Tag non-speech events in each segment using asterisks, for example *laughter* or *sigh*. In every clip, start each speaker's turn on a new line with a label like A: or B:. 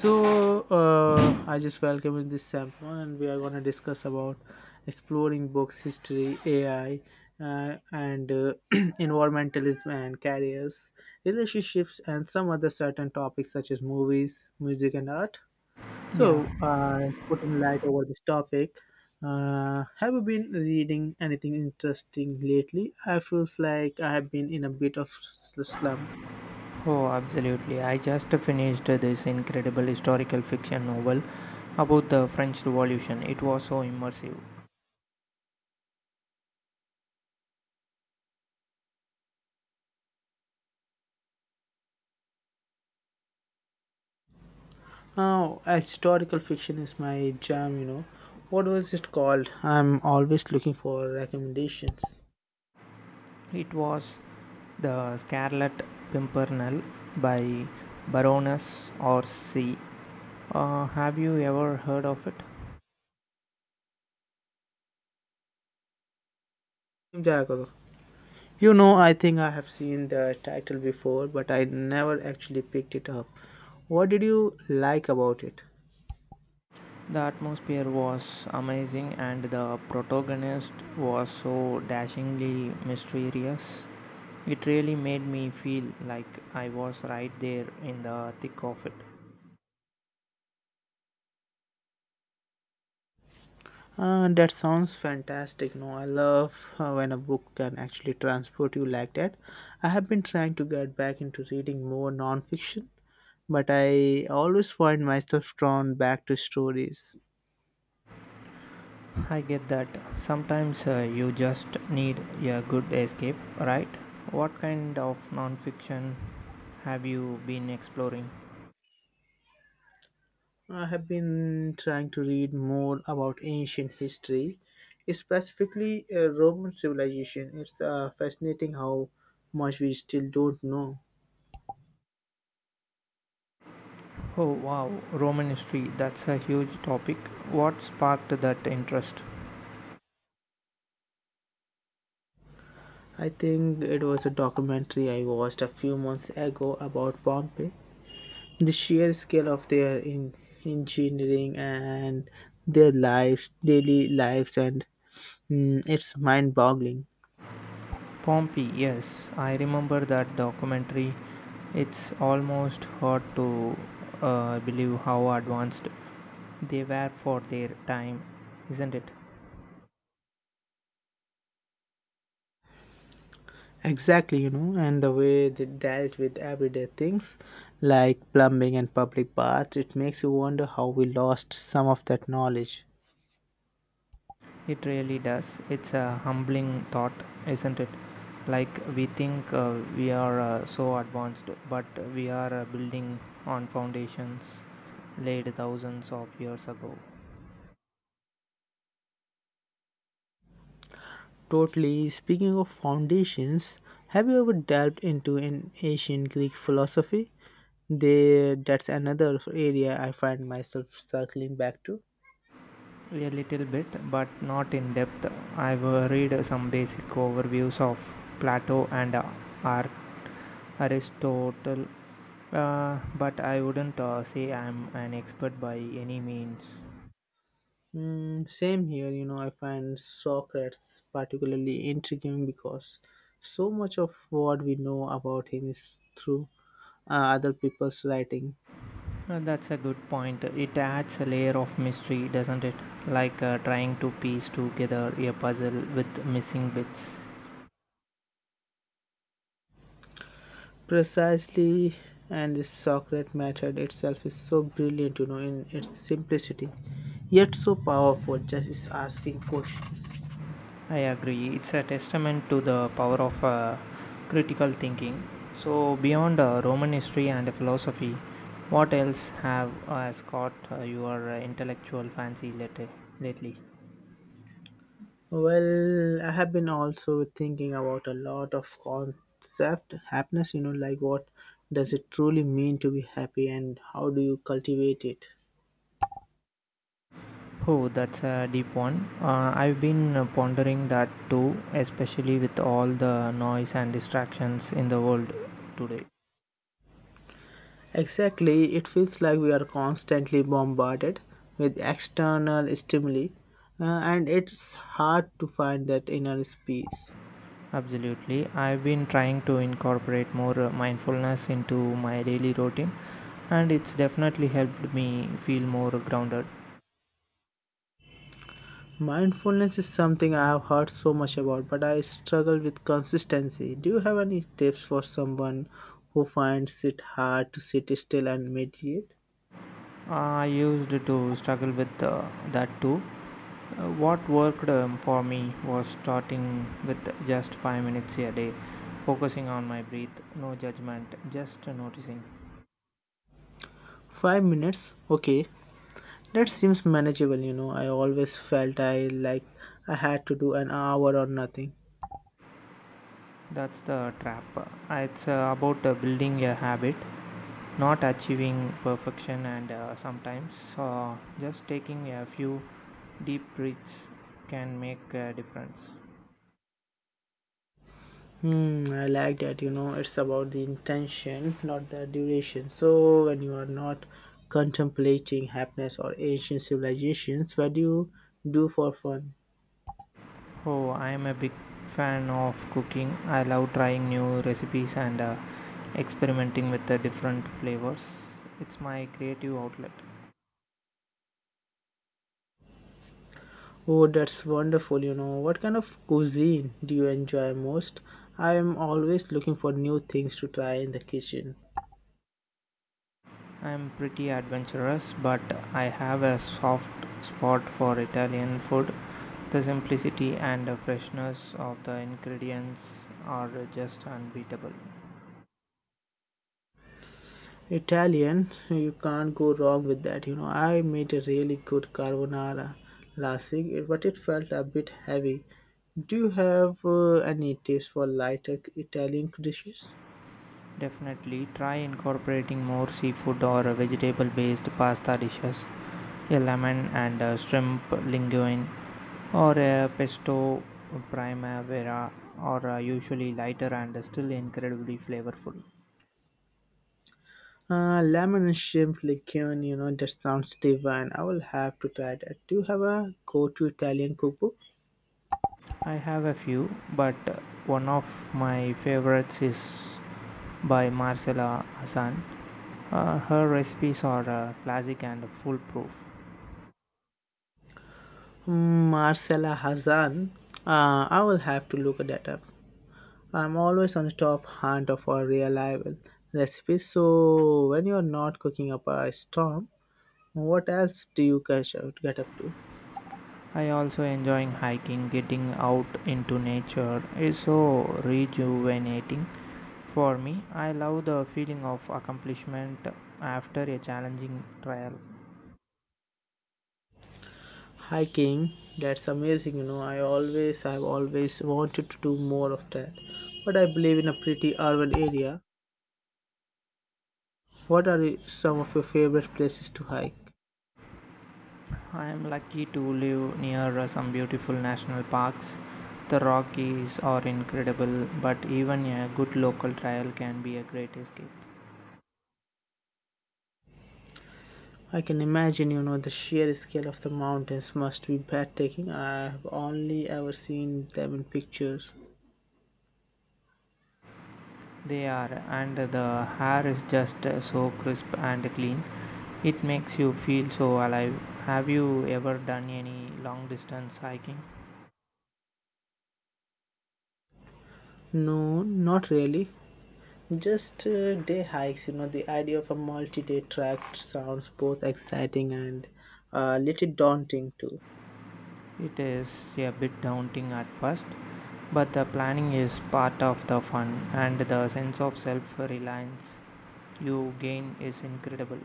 A: I just welcome in this sample, and we are going to discuss about exploring books, history, AI, and *clears throat* environmentalism and careers, relationships, and some other certain topics such as movies, music, and art.
B: Yeah,
A: So putting light over this topic. Have you been reading anything interesting lately? I feels like I have been in a bit of slump.
B: oh, absolutely. I just finished this incredible historical fiction novel about the French Revolution. It was so immersive.
A: Oh, historical fiction is my jam, you know. What was it called? I'm always looking for recommendations.
B: It was The Scarlet Pimpernel by Baroness Orsi. Have you ever heard of it?
A: Jago. You know, I think I have seen the title before, but I never actually picked it up. What did you like about it?
B: The atmosphere was amazing, and the protagonist was so dashingly mysterious. It really made me feel like I was right there in the thick of it.
A: That sounds fantastic. No, I love when a book can actually transport you like that. I have been trying to get back into reading more non-fiction, but I always find myself drawn back to stories.
B: I get that. Sometimes you just need a good escape, right? What kind of nonfiction have you been exploring?
A: I have been trying to read more about ancient history, specifically Roman civilization. It's fascinating how much we still don't know.
B: Oh wow, Roman history, that's a huge topic. What sparked that interest?
A: I think it was a documentary I watched a few months ago about Pompeii. The sheer scale of their engineering and their lives, daily lives, and it's mind-boggling.
B: Pompey, yes, I remember that documentary. It's almost hard to believe how advanced they were for their time, isn't it?
A: Exactly, you know, and the way they dealt with everyday things like plumbing and public baths, it makes you wonder how we lost some of that knowledge.
B: It really does. It's a humbling thought, isn't it? Like we think we are so advanced, but we are building on foundations laid thousands of years ago.
A: Totally. Speaking of foundations, have you ever delved into an ancient Greek philosophy? There, that's another area I find myself circling back to.
B: A little bit, but not in depth. I've read some basic overviews of Plato and Ar- Aristotle, but I wouldn't say I'm an expert by any means.
A: Mm, same here, you know, I find Socrates particularly intriguing because so much of what we know about him is through other people's writing.
B: That's a good point. It adds a layer of mystery, doesn't it? Like trying to piece together a puzzle with missing bits.
A: Precisely, and the Socrates method itself is so brilliant, you know, in its simplicity, yet so powerful, just is asking questions.
B: I agree. It's a testament to the power of critical thinking. So, beyond Roman history and philosophy, what else have has caught your intellectual fancy, lately?
A: Well, I have been also thinking about a lot of concept happiness, you know, like what does it truly mean to be happy and how do you cultivate it?
B: Oh, that's a deep one. I've been pondering that too, especially with all the noise and distractions in the world today.
A: Exactly, it feels like we are constantly bombarded with external stimuli uh, and it's hard to find that inner peace.
B: Absolutely. I've been trying to incorporate more mindfulness into my daily routine, and it's definitely helped me feel more grounded.
A: Mindfulness is something I have heard so much about, but I struggle with consistency. Do you have any tips for someone who finds it hard to sit still and meditate?
B: I used to struggle with that too. What worked for me was starting with just 5 minutes a day, focusing on my breath, no judgment, just noticing.
A: 5 minutes? Okay, that seems manageable, you know. I always felt I like I had to do an hour or nothing.
B: That's the trap. It's about building a habit not achieving perfection, and sometimes just taking a few deep breaths can make a difference.
A: Hmm, I like that, you know, it's about the intention, not the duration. So, when you are not contemplating happiness or ancient civilizations, what do you do for fun?
B: Oh, I am a big fan of cooking. I love trying new recipes and experimenting with the different flavors. It's my creative outlet.
A: Oh, that's wonderful, you know. What kind of cuisine do you enjoy most? I am always looking for new things to try in the kitchen.
B: I am pretty adventurous, but I have a soft spot for Italian food. The simplicity and the freshness of the ingredients are just unbeatable.
A: Italian, you can't go wrong with that, you know. I made a really good carbonara last week, but it felt a bit heavy. Do you have any tips for lighter Italian dishes?
B: Definitely try incorporating more seafood or vegetable based pasta dishes, a lemon and a shrimp linguine, or a pesto primavera, or usually lighter and still incredibly flavorful.
A: Lemon and shrimp liqueur, you know, that sounds divine. I will have to try that. Do you have a go to Italian cookbook?
B: I have a few, but one of my favorites is by Marcela Hassan. Her recipes are classic and foolproof.
A: Hmm, Marcella Hazan. I will have to look that up. I'm always on the top hunt for reliable recipes. So when you're not cooking up a storm, what else do you get up to?
B: I also enjoying hiking. Getting out into nature is so rejuvenating for me. I love the feeling of accomplishment after a challenging trial.
A: Hiking. That's amazing. You know, I've always wanted to do more of that. But I believe in a pretty urban area. What are some of your favorite places to hike?
B: I am lucky to live near some beautiful national parks. The Rockies are incredible, but even a good local trail can be a great escape.
A: I can imagine, you know, the sheer scale of the mountains must be breathtaking. I have only ever seen them in pictures.
B: They are, and the air is just so crisp and clean. It makes you feel so alive. Have you ever done any long distance hiking?
A: No, not really. Just day hikes, you know, the idea of a multi day trek sounds both exciting and a little daunting too.
B: It is a bit daunting at first, but the planning is part of the fun, and the sense of self reliance you gain is incredible.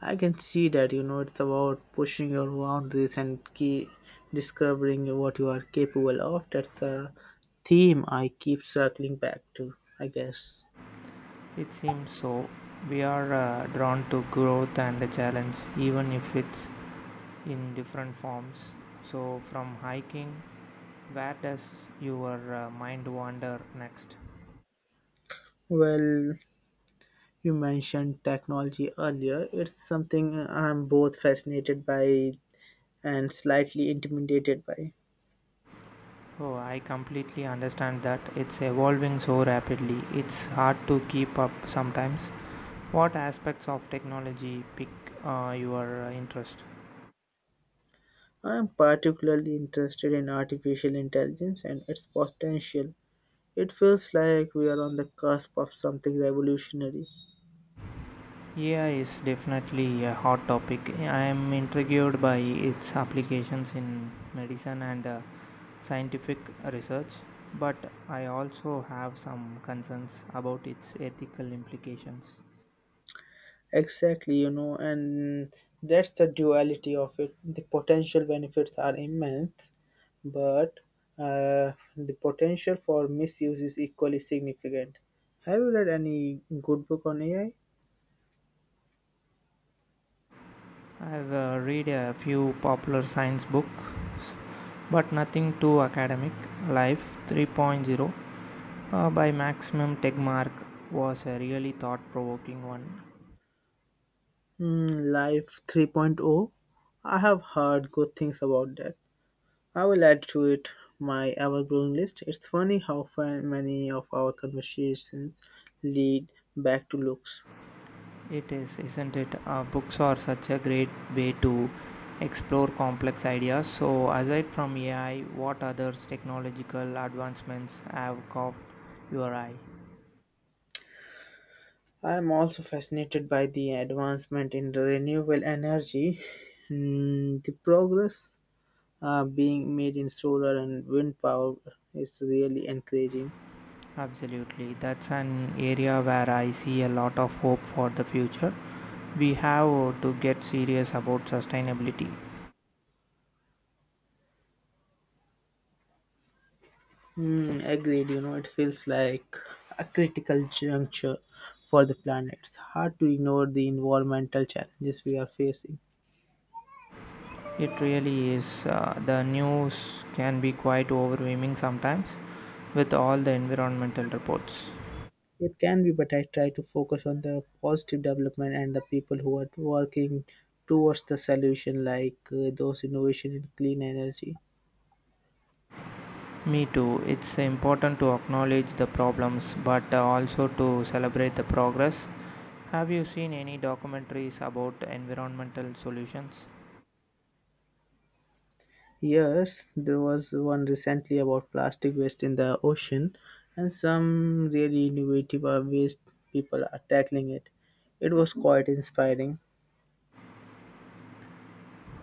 A: I can see that, you know, it's about pushing your boundaries and key discovering what you are capable of. That's a theme I keep circling back to, I guess.
B: It seems so. We are drawn to growth and challenge, even if it's in different forms. So, from hiking, where does your mind wander next?
A: Well, you mentioned technology earlier. It's something I'm both fascinated by and slightly intimidated by.
B: Oh, I completely understand that. It's evolving so rapidly. It's hard to keep up sometimes. What aspects of technology pick your interest?
A: I'm particularly interested in artificial intelligence and its potential. It feels like we are on the cusp of something revolutionary.
B: AI is definitely a hot topic. I am intrigued by its applications in medicine and scientific research, but I also have some concerns about its ethical implications.
A: Exactly, you know, and that's the duality of it. The potential benefits are immense, but the potential for misuse is equally significant. Have you read any good book on AI?
B: I've read a few popular science books, but nothing too academic. Life 3.0, by Maximum Tegmark, was a really thought provoking one.
A: Hmm, Life 3.0? I have heard good things about that. I will add to it my ever-growing list. It's funny how many of our conversations lead back to looks.
B: It is, isn't it? Books are such a great way to explore complex ideas. So, aside from AI, what other technological advancements have caught your eye?
A: I am also fascinated by the advancement in the renewable energy. Mm, the progress being made in solar and wind power is really encouraging.
B: Absolutely, that's an area where I see a lot of hope for the future. We have to get serious about sustainability.
A: Mm, agreed, you know, it feels like a critical juncture for the planet. It's hard to ignore the environmental challenges we are facing.
B: It really is. The news can be quite overwhelming sometimes with all the environmental reports.
A: It can be, but I try to focus on the positive development and the people who are working towards the solution, like those innovation in clean energy.
B: Me too. It's important to acknowledge the problems, but also to celebrate the progress. Have you seen any documentaries about environmental solutions?
A: Yes, there was one recently about plastic waste in the ocean and some really innovative ways people are tackling it. It was quite inspiring.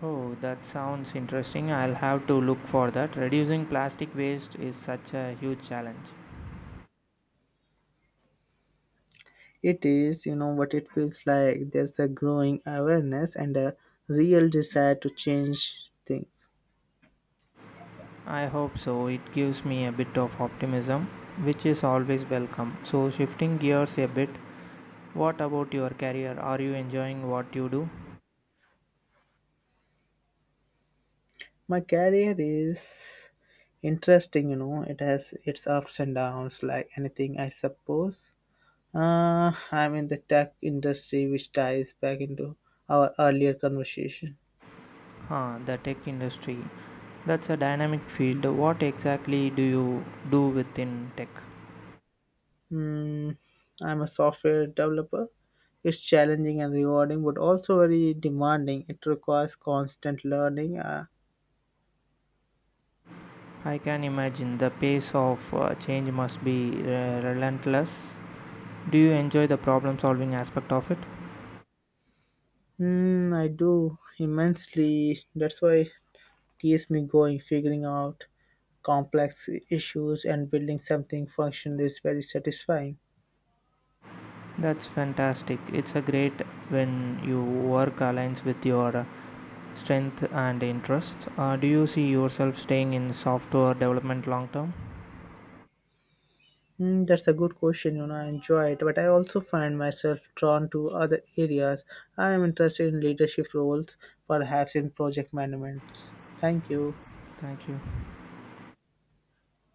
B: Oh, that sounds interesting. I'll have to look for that. Reducing plastic waste is such a huge challenge.
A: It is, you know, what it feels like there's a growing awareness and a real desire to change things.
B: I hope so. It gives me a bit of optimism, which is always welcome. So, shifting gears a bit, what about your career? Are you enjoying what you do?
A: My career is interesting, you know, it has its ups and downs like anything, I suppose. I'm in the tech industry, which ties back into our earlier conversation.
B: Huh, the tech industry. That's a dynamic field. What exactly do you do within tech?
A: Mm, I'm a software developer. It's challenging and rewarding, but also very demanding. It requires constant learning.
B: I can imagine the pace of change must be relentless. Do you enjoy the problem solving aspect of it?
A: I do immensely. That's why it keeps me going, figuring out complex issues and building something functional is very satisfying.
B: That's fantastic. It's a great when your work aligns with your strength and interests. Do you see yourself staying in software development long term?
A: Hmm, that's a good question. You know, I enjoy it, but I also find myself drawn to other areas. I am interested in leadership roles, perhaps in project management. Thank you.
B: Thank you.